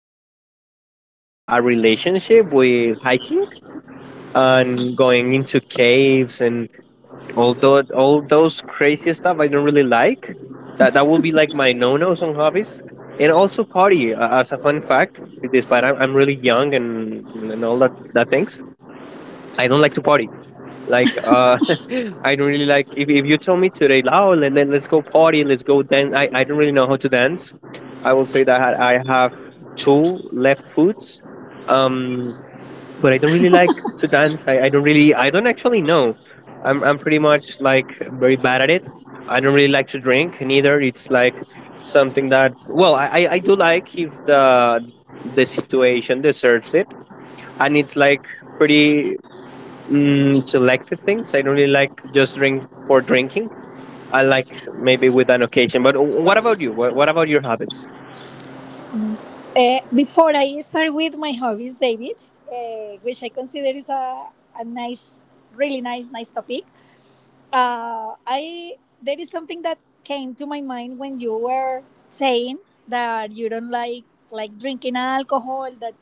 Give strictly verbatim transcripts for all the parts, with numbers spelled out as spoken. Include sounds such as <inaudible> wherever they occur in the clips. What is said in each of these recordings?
like have uh, a relationship with hiking and going into caves and all tho- all those crazy stuff I don't really like. That that will be like my no nos on hobbies. And also party uh, as a fun fact, despite I'm, I'm really young and and all that that things. I don't like to party. Like uh, <laughs> I don't really like if if you tell me today, oh, and then let's go party, let's go dance. I I don't really know how to dance. I will say that I have two left foots, um, but I don't really like to dance. I, I don't really I don't actually know. I'm I'm pretty much like very bad at it. I don't really like to drink neither. It's like something that well I I, I do like if the the situation deserves it, and it's like pretty Mm, selective things. I don't really like just drink for drinking. I like maybe with an occasion. But w- what about you? What, what about your habits? Uh, before I start with my hobbies, David, uh, which I consider is a, a nice, really nice, nice topic. Uh, I There is something that came to my mind when you were saying that you don't like like drinking alcohol, that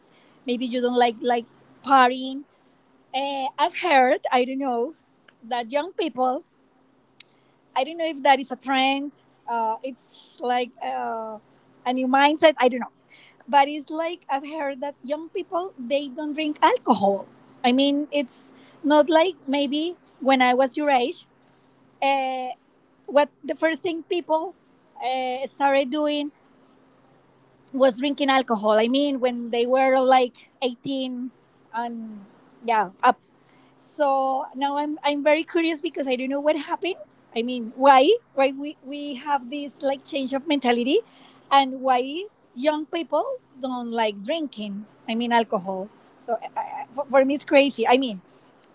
maybe you don't like like partying. Uh, I've heard, I don't know, that young people, I don't know if that is a trend. Uh, it's like uh, a new mindset. I don't know, but it's like I've heard that young people they don't drink alcohol. I mean, it's not like maybe when I was your age. Uh, what the first thing people uh, started doing was drinking alcohol. I mean, when they were like eighteen and yeah, up. So now I'm I'm very curious because I don't know what happened. I mean, why? Why we, we have this like change of mentality, and why young people don't like drinking. I mean alcohol. So I, I, for for me it's crazy. I mean,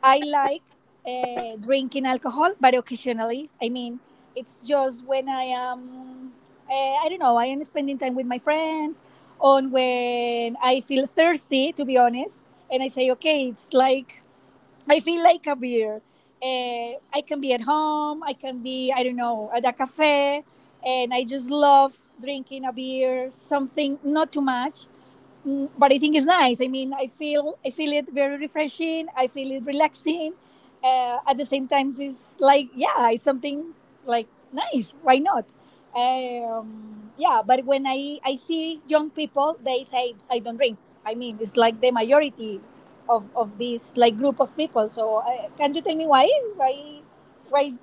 I like uh, drinking alcohol, but occasionally. I mean, it's just when I am uh, I don't know, I am spending time with my friends, or when I feel thirsty to be honest, and I say, okay, it's like I feel like a beer. Uh, I can be at home. I can be, I don't know, at a cafe. And I just love drinking a beer, something not too much. Mm, but I think it's nice. I mean, I feel I feel it very refreshing. I feel it relaxing. Uh, at the same time, it's like yeah, it's something like nice. Why not? Um, yeah, but when I I see young people, they say I don't drink. I mean, it's like the majority of of this like group of people. So uh, can you tell me why why why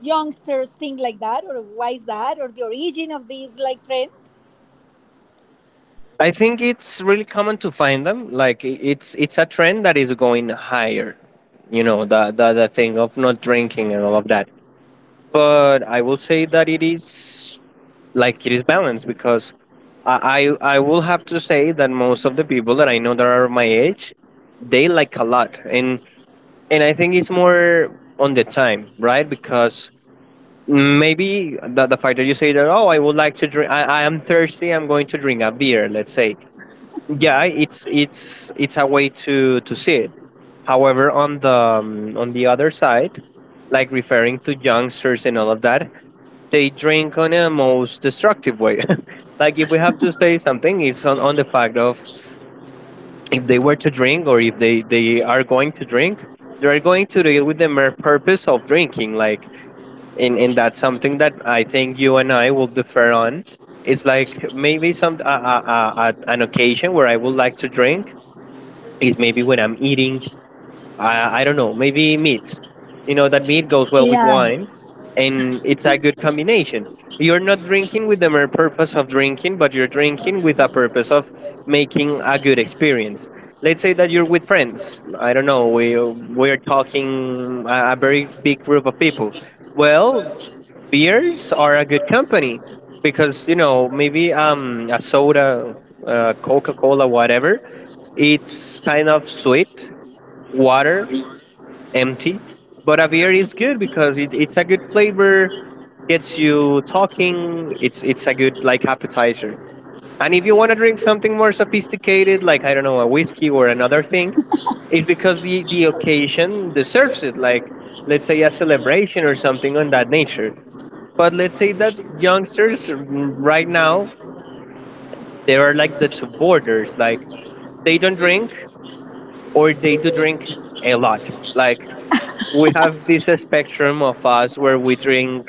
youngsters think like that, or why is that, or the origin of this like trend? I think it's really common to find them. Like i- it's it's a trend that is going higher. You know the the, the thing of not drinking and all of that. But I will say that it is like it is balanced because I I, I will have to say that most of the people that I know that are my age, they like a lot and and I think it's more on the time, right? Because maybe the, the fact that you say that, oh, I would like to drink, I, I am thirsty, I'm going to drink a beer, let's say. Yeah, it's it's it's a way to to see it. However, on the um, on the other side, like referring to youngsters and all of that, they drink on a most destructive way. <laughs> Like if we have to say something, it's on, on the fact of if they were to drink or if they they are going to drink, they are going to do it with the mere purpose of drinking, like and and that's something that I think you and I will differ on. It's like maybe some uh, uh, uh, uh, an occasion where I would like to drink is maybe when I'm eating. I, I don't know, maybe meat. You know, that meat goes well with Yeah, wine and it's a good combination. You're not drinking with the mere purpose of drinking, but you're drinking with a purpose of making a good experience. Let's say that you're with friends. I don't know, we, we're talking a, a very big group of people. Well, beers are a good company because, you know, maybe um, a soda, uh, Coca Cola, whatever, it's kind of sweet water empty. But a beer is good because it, it's a good flavor, gets you talking. It's it's a good like appetizer. And if you want to drink something more sophisticated, like I don't know, a whiskey or another thing, it's because the the occasion deserves it. Like let's say a celebration or something on that nature. But let's say that youngsters r- right now they are like the two borders. Like they don't drink or they do drink a lot. Like we have this uh, spectrum of us where we drink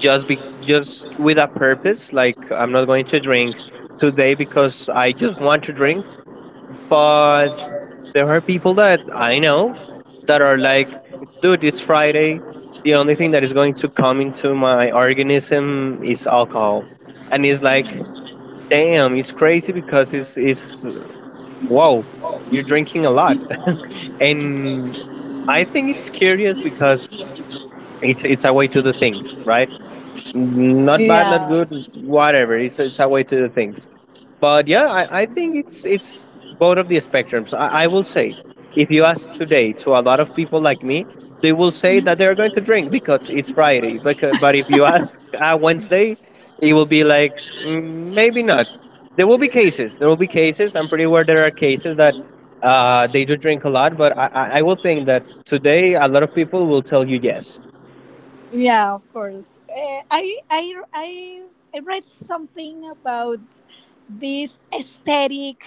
just be, just with a purpose, like I'm not going to drink today because I just want to drink. But there are people that I know that are like, dude, it's Friday, the only thing that is going to come into my organism is alcohol. And it's like, damn, it's crazy because it's it's wow, you're drinking a lot. <laughs> And I think it's curious because It's it's a way to do things, right? Not bad, yeah. not good, whatever. It's it's a way to do things. But yeah, I, I think it's it's both of the spectrums. I, I will say, if you ask today to a lot of people like me, they will say that they are going to drink because it's Friday. But but if you <laughs> ask uh, Wednesday, it will be like "Mm, maybe not. There will be cases. There will be cases. I'm pretty aware there are cases that uh, they do drink a lot, but I, I I will think that today a lot of people will tell you yes. Yeah, of course. Eh, I I I I read something about this aesthetic.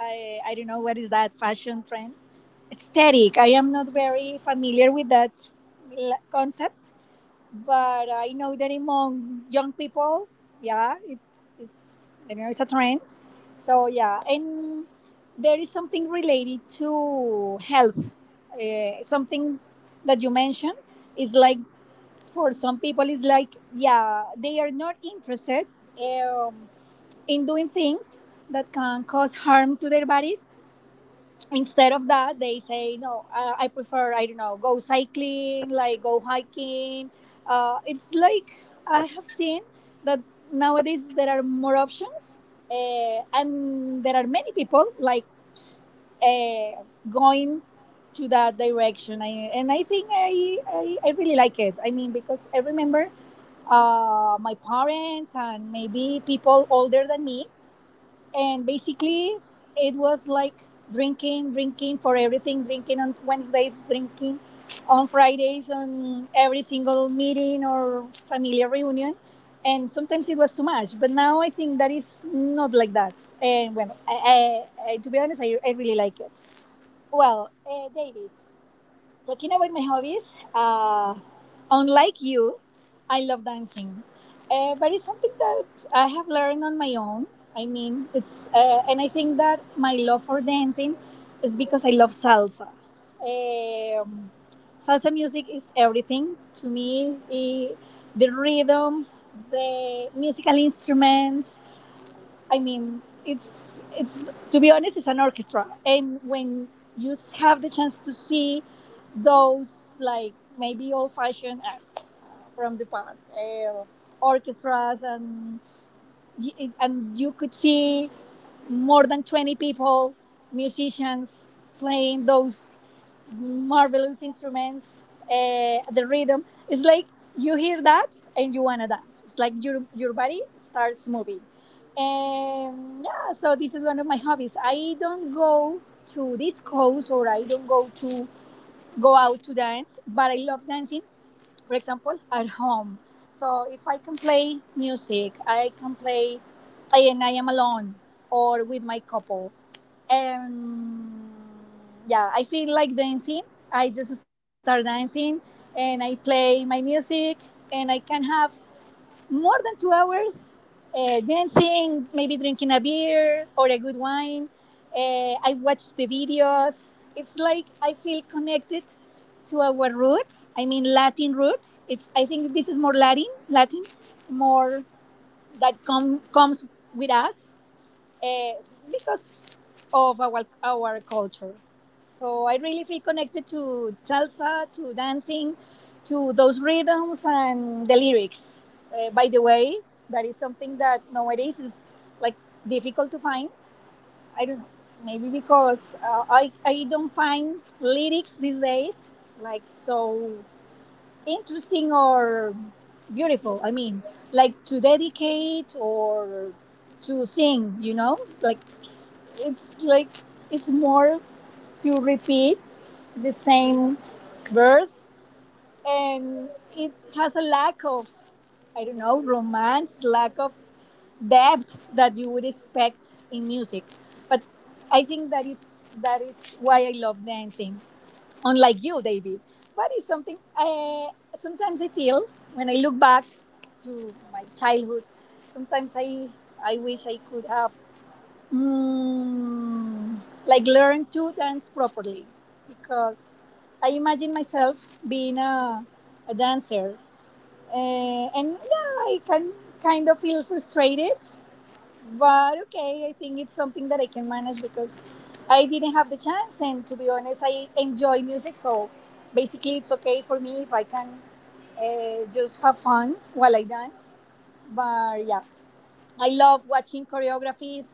I I don't know what is that fashion trend. Aesthetic. I am not very familiar with that l- concept, but I know that among young people, yeah, it's it's I don't know, it's a trend. So yeah, and there is something related to health. Uh, something that you mentioned is like for some people it's like yeah, they are not interested um, in doing things that can cause harm to their bodies. Instead of that they say no, uh, I prefer, I don't know, go cycling, like go hiking. Uh, it's like I have seen that nowadays there are more options, uh, and there are many people like uh, going to that direction. I, and i think I, I i really like it. I mean, because I remember uh, my parents and maybe people older than me. And basically, it was like drinking, drinking for everything, drinking on Wednesdays, drinking on Fridays, on every single meeting or family reunion. And sometimes it was too much. But now I think that is not like that. And well, I, I, I, to be honest, I, I really like it. Well, uh, David, talking about my hobbies, uh, unlike you, I love dancing. Uh, but it's something that I have learned on my own. I mean, it's uh, and I think that my love for dancing is because I love salsa. Um, salsa music is everything to me. I- the rhythm, the musical instruments, I mean, it's it's to be honest, it's an orchestra. And when you s- have the chance to see those like maybe old-fashioned uh, from the past uh, orchestras, and y- and you could see more than twenty people, musicians playing those marvelous instruments, uh, the rhythm. It's like you hear that and you want to dance. It's like your, your body starts moving. And yeah, so this is one of my hobbies. I don't go to discos, or I don't go to go out to dance, but I love dancing for example, at home. So if I can play music, I can play and I am alone or with my couple. And yeah, I feel like dancing. I just start dancing and I play my music, and I can have more than two hours uh, dancing, maybe drinking a beer or a good wine. Uh, I watch the videos. It's like I feel connected to our roots. I mean, Latin roots. It's I think this is more Latin, Latin, more that com- comes with us uh, because of our our culture. So I really feel connected to salsa, to dancing, to those rhythms and the lyrics. Uh, by the way, that is something that nowadays is like difficult to find. I don't know, maybe because uh, I I don't find lyrics these days like so interesting or beautiful. I mean, like to dedicate or to sing, you know, like it's like it's more to repeat the same verse, and it has a lack of, I don't know, romance, lack of depth that you would expect in music. But I think that is that is why I love dancing, unlike you, David. But it's something I sometimes I feel when I look back to my childhood. Sometimes I I wish I could have, mm, like learn to dance properly, because I imagine myself being a, a dancer, uh, and yeah, I can kind of feel frustrated, but okay, I think it's something that I can manage because I didn't have the chance, and to be honest I enjoy music, so basically it's okay for me if I can uh, just have fun while I dance. But yeah, I love watching choreographies,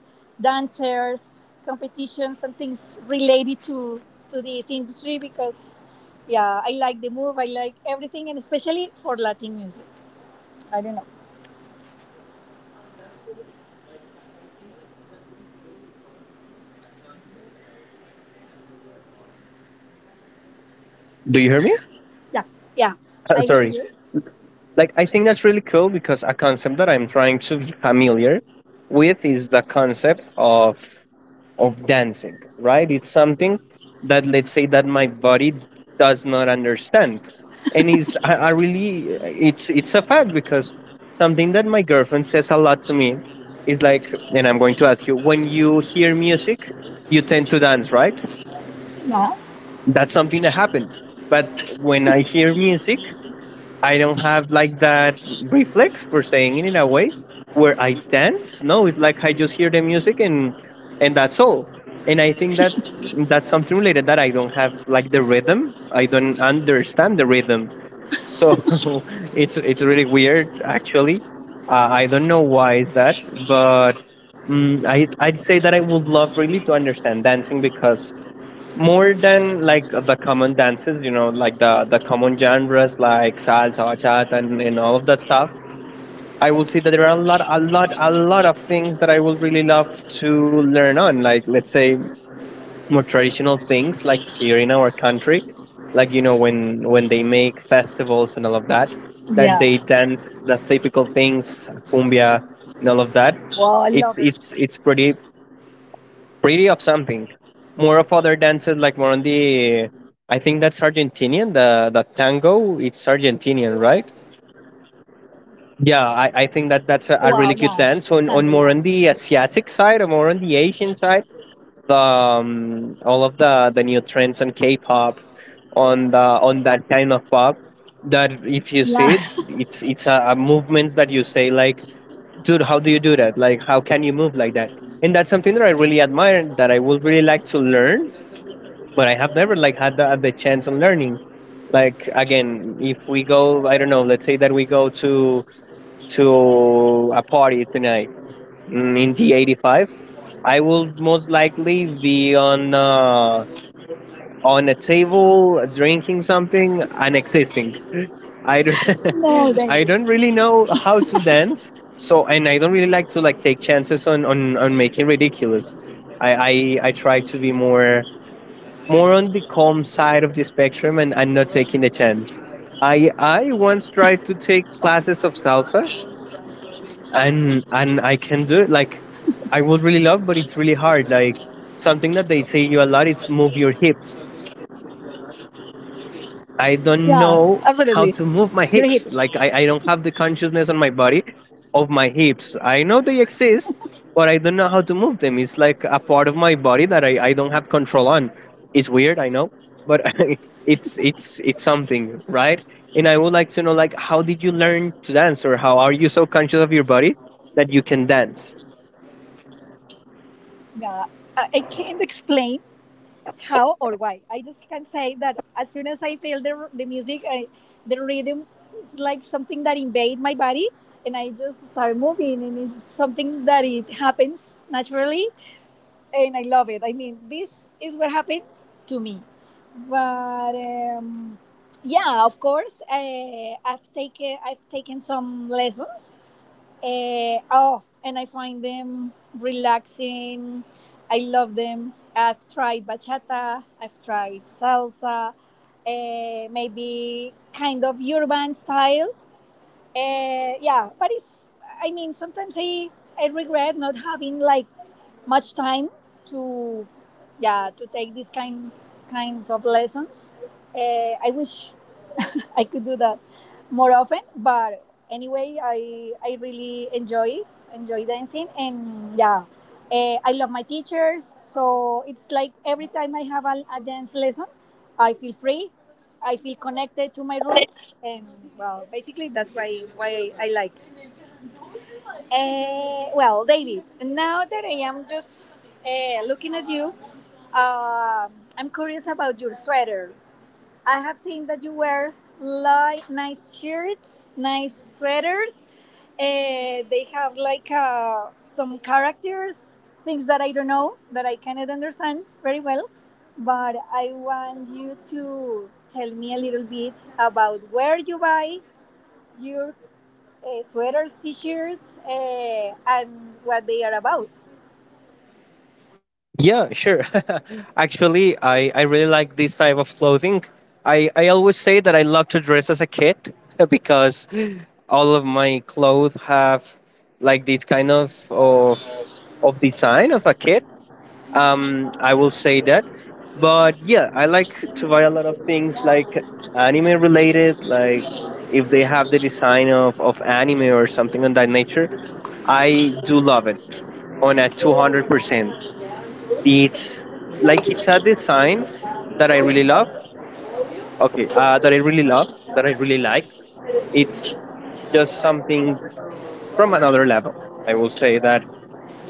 dancers, competitions, and things related to to this industry, because yeah, I like the move. I like everything, and especially for Latin music. I don't know. Do you hear me? Yeah, yeah. <laughs> Uh, I hear sorry, you. like I think that's really cool because a concept that I'm trying to be familiar with is the concept of of dancing, right? It's something that, let's say that my body does not understand, and is i, I really, it's it's a fact because something that my girlfriend says a lot to me is like, and I'm going to ask you, when you hear music you tend to dance, right? Yeah. That's something that happens. But when I hear music I don't have like that reflex, for saying it in a way, where I dance. No, it's like I just hear the music and and that's all. And I think that's that's something related, that I don't have like the rhythm. I don't understand the rhythm, so <laughs> it's it's really weird actually. Uh, I don't know why is that, but mm, I I'd say that I would love really to understand dancing because more than like the common dances, you know, like the the common genres like salsa, bachata, and, and all of that stuff, I would say that there are a lot, a lot, a lot of things that I would really love to learn on, like let's say more traditional things like here in our country, like you know, when when they make festivals and all of that, that Yeah. they dance the typical things, cumbia and all of that. Wow, I it's love it's it. it's pretty, pretty of something. More of other dances like more on the. I think that's Argentinian. The the tango. It's Argentinian, Wow. right? Yeah. Tango. Yeah. Yeah, I, I think that that's a, a really good dance on on more on the Asiatic side or more on the Asian side. The um, all of the the new trends on K-pop, Yeah. on the on that kind of pop. That if you see it, it's it's a, a movement that you say like, dude, how do you do that? Like, how can you move like that? And that's something that I really admire. That I would really like to learn, but I have never like had the, the chance on learning. Like again, if we go, I don't know, let's say that we go to to a party tonight, mm, in the eighty five, I will most likely be on uh, on a table drinking <laughs> something No, and thank existing. you. I don't <laughs> I don't really know how to dance. So and I don't really like to like take chances on on, on making ridiculous. I, I I try to be more, more on the calm side of the spectrum, and I'm not taking the chance. I I once tried to take classes of salsa and and I can do it. Like I would really love, but it's really hard. Like something that they say you a lot, it's move your hips. Yeah. Absolutely. I Your don't hips. know how to move my hips. Like I, I don't have the consciousness on my body of my hips. I know they exist, but I don't know how to move them. It's like a part of my body that I, I don't have control on. It's weird, I know, but <laughs> it's it's it's something, right? And I would like to know like how did you learn to dance, or how are you so conscious of your body that you can dance? Yeah. I, I can't explain how or why. I just can say that as soon as I feel the, the music, I, the rhythm is like something that invade my body, and I just start moving, and it's something that it happens naturally, and I love it. I mean, this is what happens to me. But um, yeah, of course, uh, I've taken I've taken some lessons. Eh, oh, and I find them relaxing. I love them. I've tried bachata, I've tried salsa, eh, maybe kind of urban style. Eh, yeah, but it's, I mean, sometimes I, I regret not having like much time to, yeah, to take these kind kinds of lessons. Eh, I wish I could do that more often. But anyway, I I really enjoy enjoy dancing, and yeah, eh, I love my teachers. So it's like every time I have a, a dance lesson, I feel free. I feel connected to my roots, and well, basically that's why why I like. Uh, well, David, now that I am just uh, looking at you, um I'm curious about your sweater. I have seen that you wear li- nice shirts, nice sweaters. Uh, they have like uh, some characters, things that I don't know, that I cannot understand very well. But I want you to tell me a little bit about where you buy your uh, sweaters, t shirts, uh, and what they are about. Yeah, sure. <laughs> Actually, I, I really like this type of clothing. I, I always say that I love to dress as a kid <laughs> because all of my clothes have like this kind of of, of design of a kid. Um, I will say that. But yeah, I like to buy a lot of things like anime related, like if they have the design of, of anime or something of that nature. I do love it on a two hundred percent. It's like it's a design that I really love. Okay, uh, that I really love, that I really like. It's just something from another level. I will say that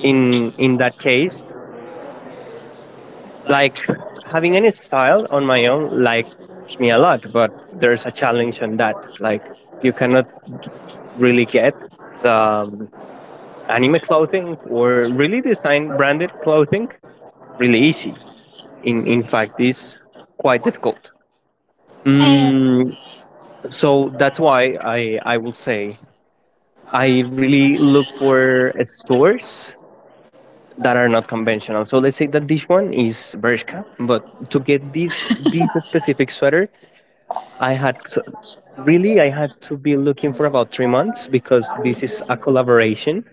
in in that case, like having any style on my own, like me a lot, but there's a challenge on that. Like you cannot really get the um, anime clothing or really design branded clothing really easy. In in fact, it's quite difficult. Uh, Mm, So that's why I I would say I really look for uh, stores that are not conventional. So let's say that this one is Bershka, but to get this this specific sweater, I had to, really I had to be looking for about three months because this is a collaboration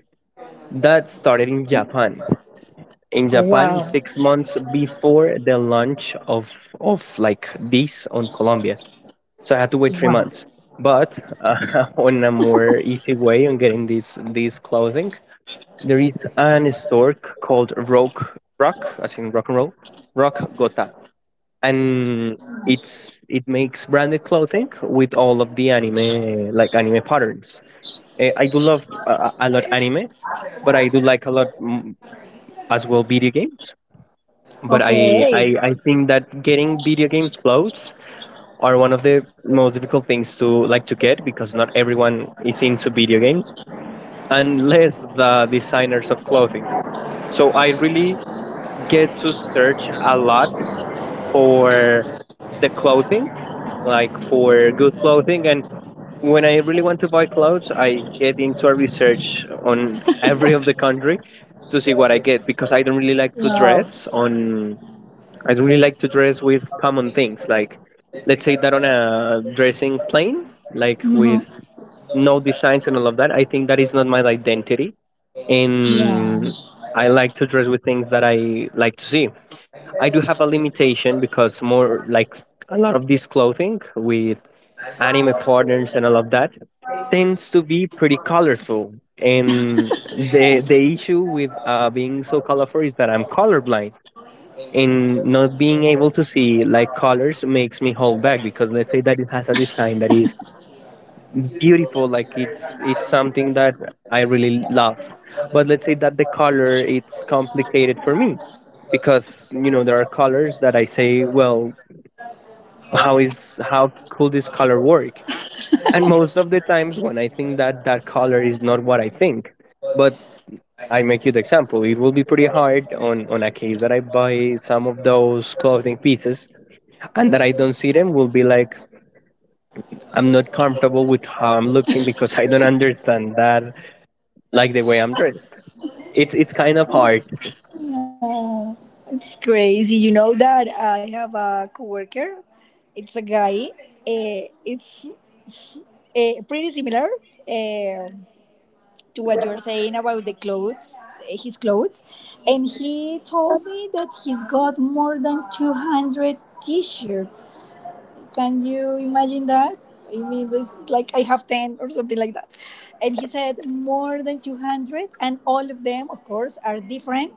that started in Japan. In Japan, six months before the launch of of like this on Colombia, so I had to wait three months. But uh, <laughs> on a more easy way on getting these these clothing, there is an store c- called Rock Rock, as in rock and roll, Rock Gota, and it's it makes branded clothing with all of the anime like anime patterns. Eh, I do love uh, a lot anime, but I do like a lot mm, as well video games. But I, I I think that getting video games clothes are one of the most difficult things to like to get because not everyone is into video games unless the designers of clothing. So I really get to search a lot for the clothing, like for good clothing. And when I really want to buy clothes, I get into a research on every of the country to see what I get because I don't really like to wow. dress on. I'd really like to dress with common things, like let's say that on a dressing plain, like Mhm. with no designs and all of that. I think that is not my identity, and Yeah. I like to dress with things that I like to see. I do have a limitation because more like a lot of this clothing with anime partners and all of that tends to be pretty colorful. And the the issue with uh, being so colorful is that I'm colorblind, and not being able to see like colors makes me hold back, because let's say that it has a design that is beautiful, like it's it's something that I really love, but let's say that the color, it's complicated for me, because you know there are colors that I say, well, how is how could this color work, and most of the times when I think that that color is not what I think. But I make you the example, it will be pretty hard on on a case that I buy some of those clothing pieces and that I don't see them, will be like, I'm not comfortable with how I'm looking because I don't understand that, like the way I'm dressed. It's it's kind of hard. Yeah, it's crazy. You know that I have a coworker. It's a guy. Uh, it's uh, pretty similar uh, to what you're saying about the clothes, his clothes. And he told me that he's got more than two hundred t-shirts. Can you imagine that? I mean, this, like I have ten or something like that. And he said more than two hundred, and all of them, of course, are different,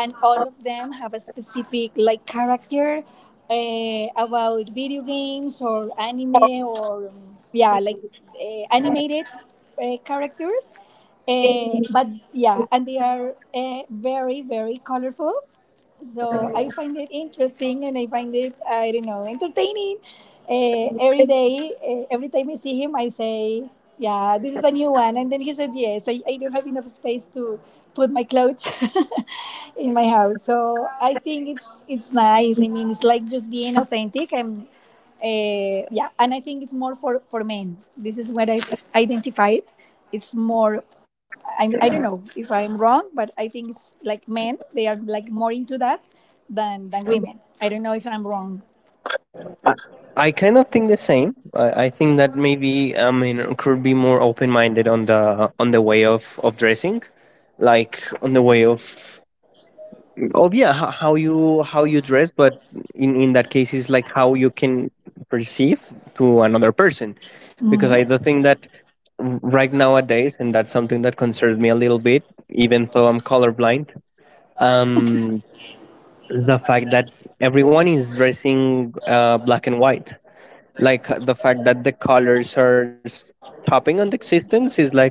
and all of them have a specific like character uh, about video games or anime or um, yeah, like uh, animated uh, characters. Uh, but yeah, and they are uh, very, very colorful. So I find it interesting, and I find it, I don't know, entertaining. Uh, every day, uh, every time I see him, I say, yeah, this is a new one. And then he said, yes, I, I don't have enough space to put my clothes <laughs> in my house. So I think it's it's nice. I mean, it's like just being authentic, and uh, yeah. And I think it's more for for men. This is what I identified. It's more. I'm, I don't know if I'm wrong, but I think it's like men. They are like more into that than than women. I don't know if I'm wrong. I, I kind of think the same. I, I think that maybe I mean could be more open minded on the on the way of of dressing, like on the way of, oh yeah, how, how you how you dress, but in in that case is like how you can perceive to another person, because I Mm. do think that r- right nowadays, and that's something that concerns me a little bit, even though I'm colorblind, um the fact that everyone is dressing uh, black and white, like uh, the fact that the colors are s- topping on the existence is like,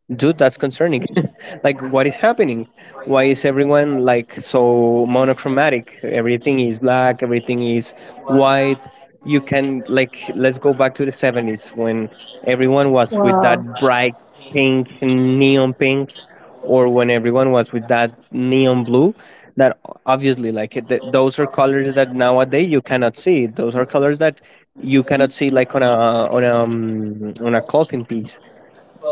dude, that's concerning. <laughs> Like, what is happening? Why is everyone like so monochromatic? Everything is black, everything is white. You can like, let's go back to the seventies when everyone was with Wow. that bright pink, neon pink, or when everyone was with that neon blue, that obviously like it- th- those are colors that nowadays you cannot see, those are colors that you cannot see like on a on a um, on a clothing piece.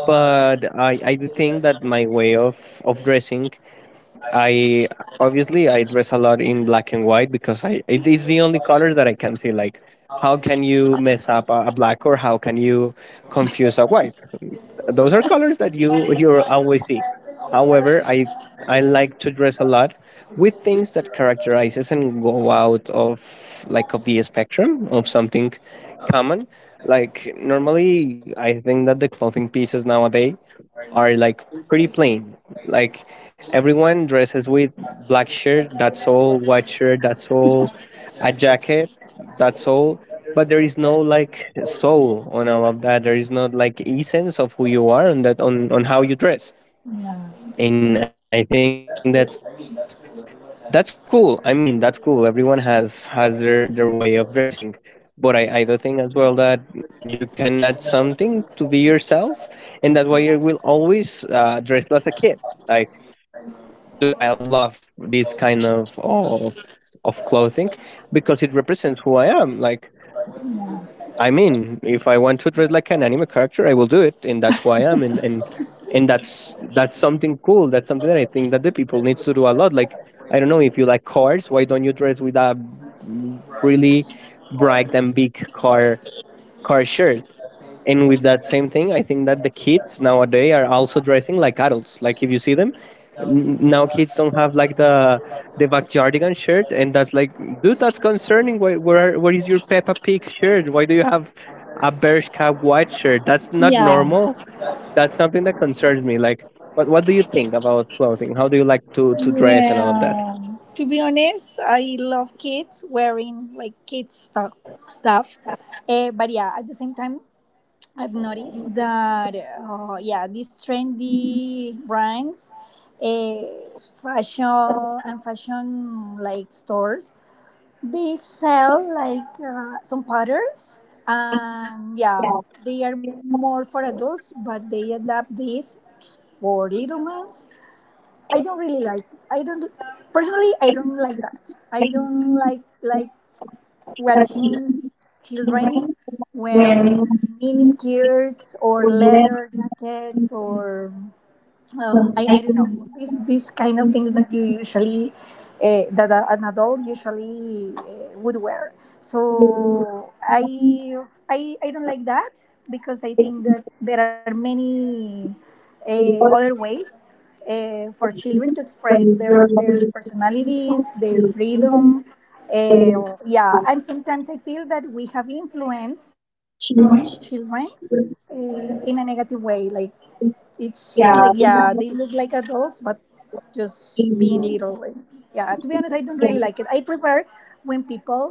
But I, I do think that my way of, of dressing, I obviously I dress a lot in black and white because I it, it's the only colors that I can see. Like how can you mess up a, a black, or how can you confuse a white? Those are colors that you you always see. However, i i like to dress a lot with things that characterizes and go out of like of the spectrum of something common. Like normally I think that the clothing pieces nowadays are like pretty plain. Like everyone dresses with black shirt, that's all, white shirt, that's all, a jacket, that's all. But there is no like soul on all of that. There is not like essence of who you are on that, on, on how you dress. Yeah. And I think that's that's cool. I mean, that's cool. Everyone has has their, their way of dressing. But I, I do think as well that you can add something to be yourself, and that's why you will always uh, dress as a kid. Like, dude, I love this kind of of of clothing because it represents who I am. Like, I mean, if I want to dress like an anime character, I will do it, and that's who I am. And and and that's that's something cool, that's something that I think that the people needs to do a lot. Like, I don't know, if you like cars, why don't you dress with a really bright and big car car shirt? And with that same thing, I think that the kids nowadays are also dressing like adults. Like, if you see them, n- now kids don't have like the the backyardigan shirt, and that's like, dude, that's concerning. Why, where where is your Peppa Pig shirt? Why do you have a Bershka white shirt? That's not Yeah. normal. That's something that concerns me. Like, what what do you think about clothing? How do you like to to dress and all of that? Yeah. To be honest, I love kids wearing like kids stuff. stuff. Uh, but yeah, at the same time, I've noticed that uh, yeah, these trendy brands, uh, fashion and fashion like stores, they sell like uh, some patterns, and yeah, they are more for adults, but they adapt this for little ones I don't really like. I don't Personally, I don't like that. I Yeah, don't like yeah, like yeah. watching We children wearing mini skirts or have leather jackets or oh, I, I don't know, these these kind of things that you usually uh, that a, an adult usually uh, would wear. So I I I don't like that, because I think that there are many uh, other ways uh, for children to express their their personalities, their freedom. Uh, yeah, and sometimes I feel that we have influenced children uh, in a negative way, like it's like, yeah, they look like adults but just being little. And yeah, to be honest, I don't really like it. I prefer when people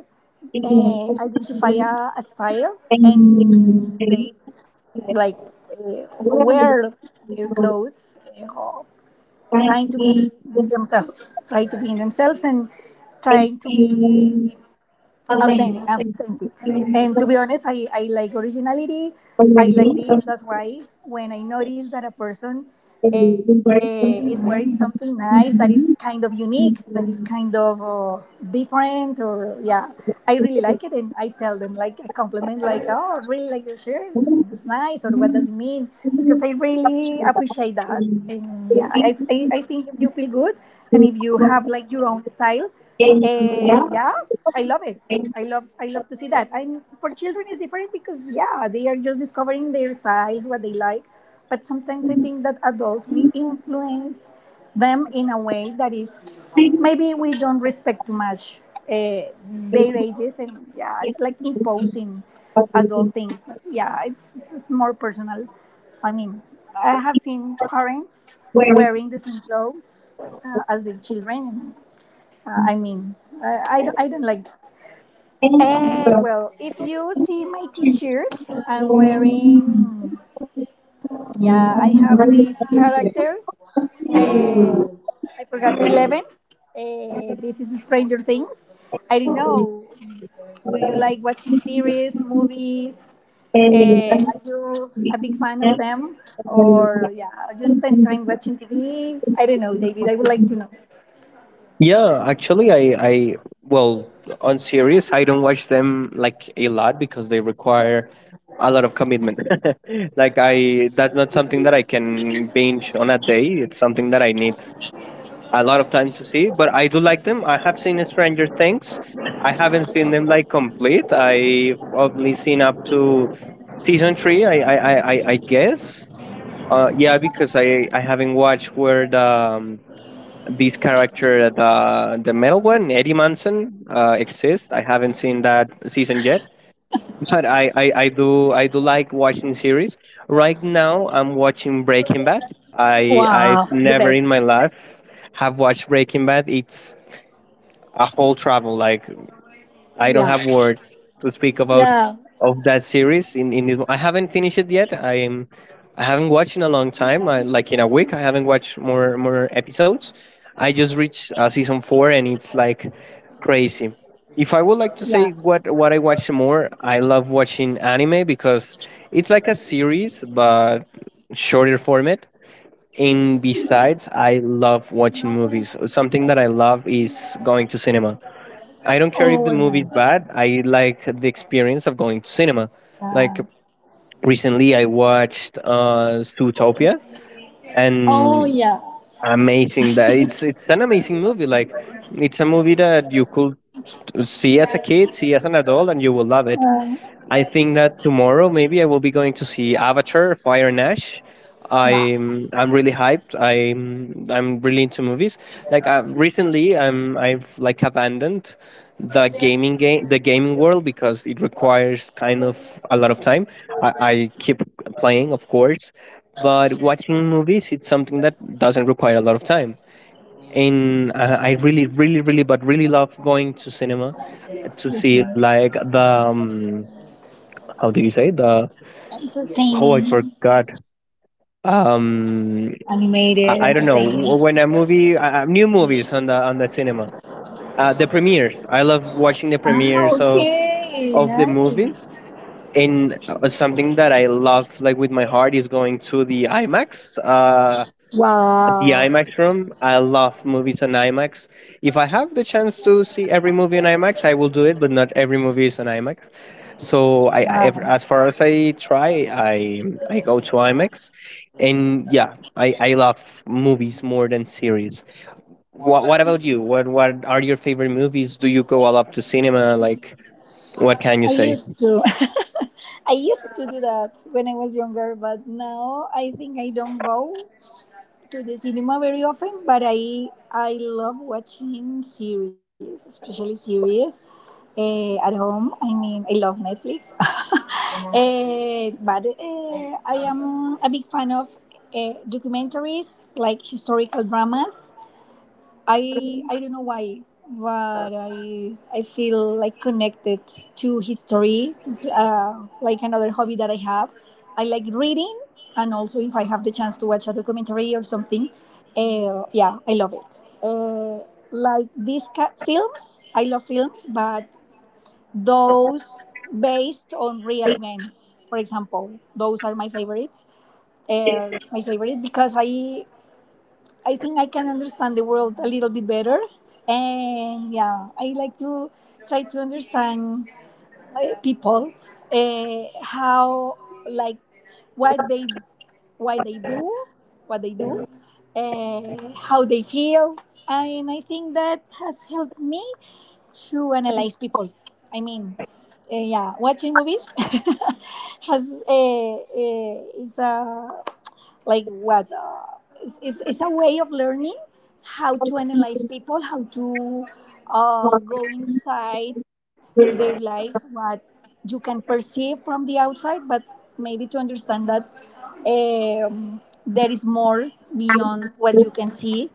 uh, identify a, a style, in and and they like uh, well, wear their clothes, uh, or trying to frankly, be it's themselves, try to be in themselves and trying to exciting. be Again, I authentic think authentic it's And to be honest, I, I like originality. I already like this. something That's why when I notice that a person uh, is required, wearing something something that must nice, that is be kind of unique unique, that in is the kind community. of uh, different or yeah, I really like it, and I tell them like a compliment, like, oh, I really like your shirt, it's nice, or what does it mean, because I Similar really option that appreciate that. we And yeah, i, think I, I think if you feel good and if we you have have like your own style, in uh, India, yeah, the I public love it. domain I love is I love like to see that. I'm for children is different, because yeah, they are just discovering their styles, what they like. But sometimes I something think that adults, we that influence them in a way that is we maybe we don't respect too much uh, their ages, and yeah, think it's like is imposing a good idea. adult things. But yeah, it's, it's more personal. I mean, I have seen parents Where is wearing the same clothes the uh, as their children, and uh, I mean, I, I, don't- I don't like. end from Eh, well, if you see my T-shirt I'm wearing, yeah, I have this character. Eh, I forgot eleven. Eh, this is Stranger Things. I don't know, do you like watching series, movies? and Eh, warming are you a big fan of them, or yeah, are you spend time watching T V? I don't know, David. I would like to and know. yeah, actually, I, I well, on series, I don't watch them like a lot because they require a lot of commitment. <laughs> Like I, that's not something that I can binge on a day. It's something that I need a lot of time to see. But I do like them. I have seen Stranger Things. I haven't seen them like complete. I've only seen up to season three. I, I, I, I I guess. Uh, yeah, because I, I haven't watched where the um, this character, the the metal one, Eddie Munson, uh, exists. I haven't seen that season yet, but I, I, I do I do like watching series. Right now, I'm watching Breaking Bad. I I've Wow, the never in best. my life have watched Breaking Bad. It's a whole travel. Like I don't Yeah, have words to speak about yeah, of that series. In in this, I haven't finished it yet. I'm I haven't watched in a long time. I, like in a week, I haven't watched more more episodes. I just reached uh, season four, and it's like crazy. If I would yeah. like to say what what I watch more, I love watching anime because it's like a series but shorter format. And besides, I love watching movies. Something that I love is going to cinema. I don't care if Oh the movie is yeah, bad. I like the experience of going to cinema. Like yeah. recently, I watched uh, Zootopia, Oh and yeah. amazing that it's it's an amazing movie. Like it's a movie that you could s- see as a kid, see as an adult, and you will love it. Uh, I think that tomorrow maybe I will be going to see Avatar: Fire and Ash. wow. I'm I'm really hyped. I'm I'm really into movies. Like uh, recently, I'm I've like abandoned the gaming game the gaming world because it requires kind of a lot of time. I, I keep playing, of course, but watching movies it's something that doesn't require a lot of time. And uh, I really, really, really, but really love going to cinema This to see is like the um, how do you say the, oh, I entertaining. forgot. um Animated, i, I don't know. entertaining. Wh- when a movie uh, uh, new movies on the on the cinema, uh the premieres, I love watching the Ah, premieres of okay, of the nice. movies. And uh, something that I love like with my heart is going to the imax, uh the Wow. IMAX room. I love movies on IMAX. If I have the chance to see every movie on IMAX, I will do it. But not every movie is on IMAX. So I, I ev- Now as far as I try, I I go to IMAX, and yeah, I, I love movies more than series. What What about you? What What are your favorite movies? Do you go a lot to cinema? Like, what can you I say? used to <laughs> I used to do that when I was younger, but now I think I don't go to the cinema very often, but I I love watching series, especially series, eh, at home. I mean, I love Netflix. <laughs> Eh, but eh, I am a big fan of uh, documentaries like historical dramas. I I don't know why, but I I feel like connected to history. It's uh, like another hobby that I have. I like reading, and also if I have the chance to watch a documentary or something, uh, yeah, I love it. Uh, like these ca- films, I love films, but those based on real events, for example, those are my favorites. Uh, my favorite because I I think I can understand the world a little bit better. And yeah, I like to try to understand uh, people, uh, how, like, what they, why they do what they do, uh, how they feel. And I think that has helped me to analyze people. I mean, uh, yeah, watching movies <laughs> has uh, uh, is a like what uh, it's, it's it's a way of learning how to analyze people, how to uh, go inside their lives, what you can perceive from the outside, but maybe to understand that um, there is more beyond what you can see.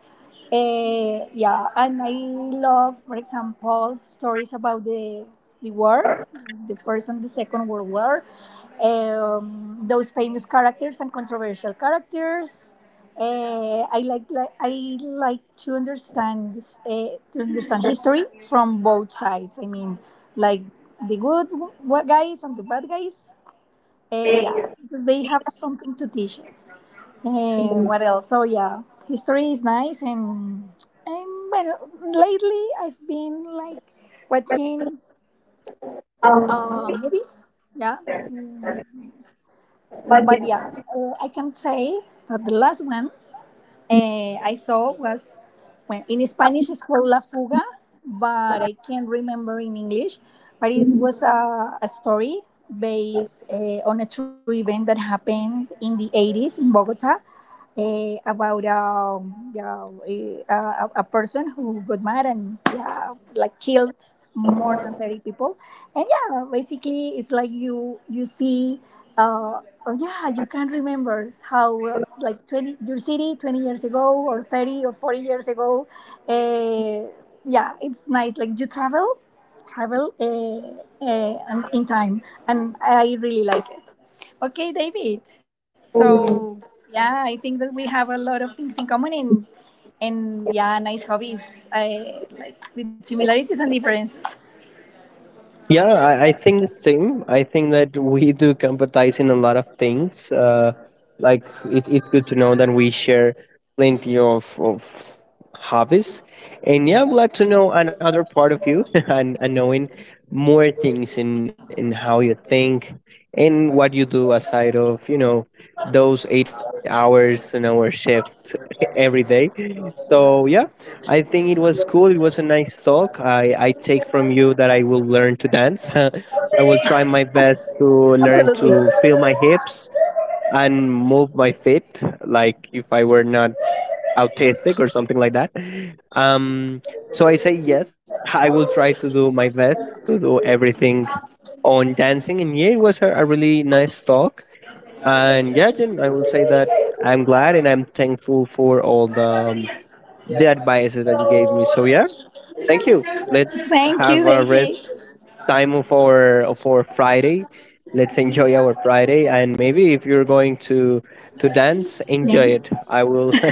uh, Yeah, and I love, for example, stories about the the war, the first and the second world war, um, those famous characters and controversial characters. Uh, I like, like I like to understand this, uh, to understand history from both sides. I mean, like the good w- w- guys and the bad guys. Uh, yeah, because they have something to teach us. Uh, what else? So yeah, history is nice, and and well, lately I've been like watching uh, Um, movies. Yeah. Mm. But but yeah. yeah, uh, I can say that the last one uh, I saw was, when in Spanish it's called La Fuga, but I can't remember in English. But it was a, a story based uh, on a true event that happened in the eighties in Bogota, eh, about um, yeah, eh, a, a person who got mad and, yeah, like killed more than thirty people. And yeah, basically it's like you you see, uh, oh yeah, you can't remember how, uh, like, twenty your city, twenty years ago or thirty or forty years ago, uh, yeah, it's nice, like you travel travel uh, uh, and in time, and I really like it. Okay, David. So yeah, I think that we have a lot of things in common, and and yeah, nice hobbies. I like with similarities and differences. Yeah, I, I think the same. I think that we do compatize in a lot of things. Uh, like it, it's good to know that we share plenty of, of hobbies. And yeah, I'm glad to know another part of you <laughs> and, and knowing more things in, in how you think and what you do aside of, you know, those eight hours an hour shift <laughs> every day. So yeah, I think it was cool. It was a nice talk. I, I take from you that I will learn to dance. <laughs> I will try my best to learn Absolutely. to feel my hips and move my feet, like if I were not autistic or something like that. Um, so I say yes. I will try to do my best to do everything on dancing. And yeah, it was a, a really nice talk. And yeah, Jen, I will say that I'm glad and I'm thankful for all the. Um, the advices that you gave me. So yeah, thank you. Let's Thank have you, a David. rest time of our of our Friday. Let's enjoy our Friday, and maybe if you're going to to dance, enjoy it. Thanks. I will. <laughs>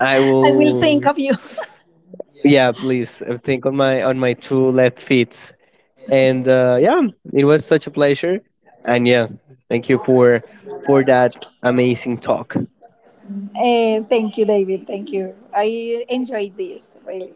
I I will think will. of you. <laughs> Yeah, please uh, think on my on my two left feet. And uh, yeah, it was such a pleasure. And yeah, thank you for for that amazing talk. Uh, thank you, David. Thank you. I enjoyed this really.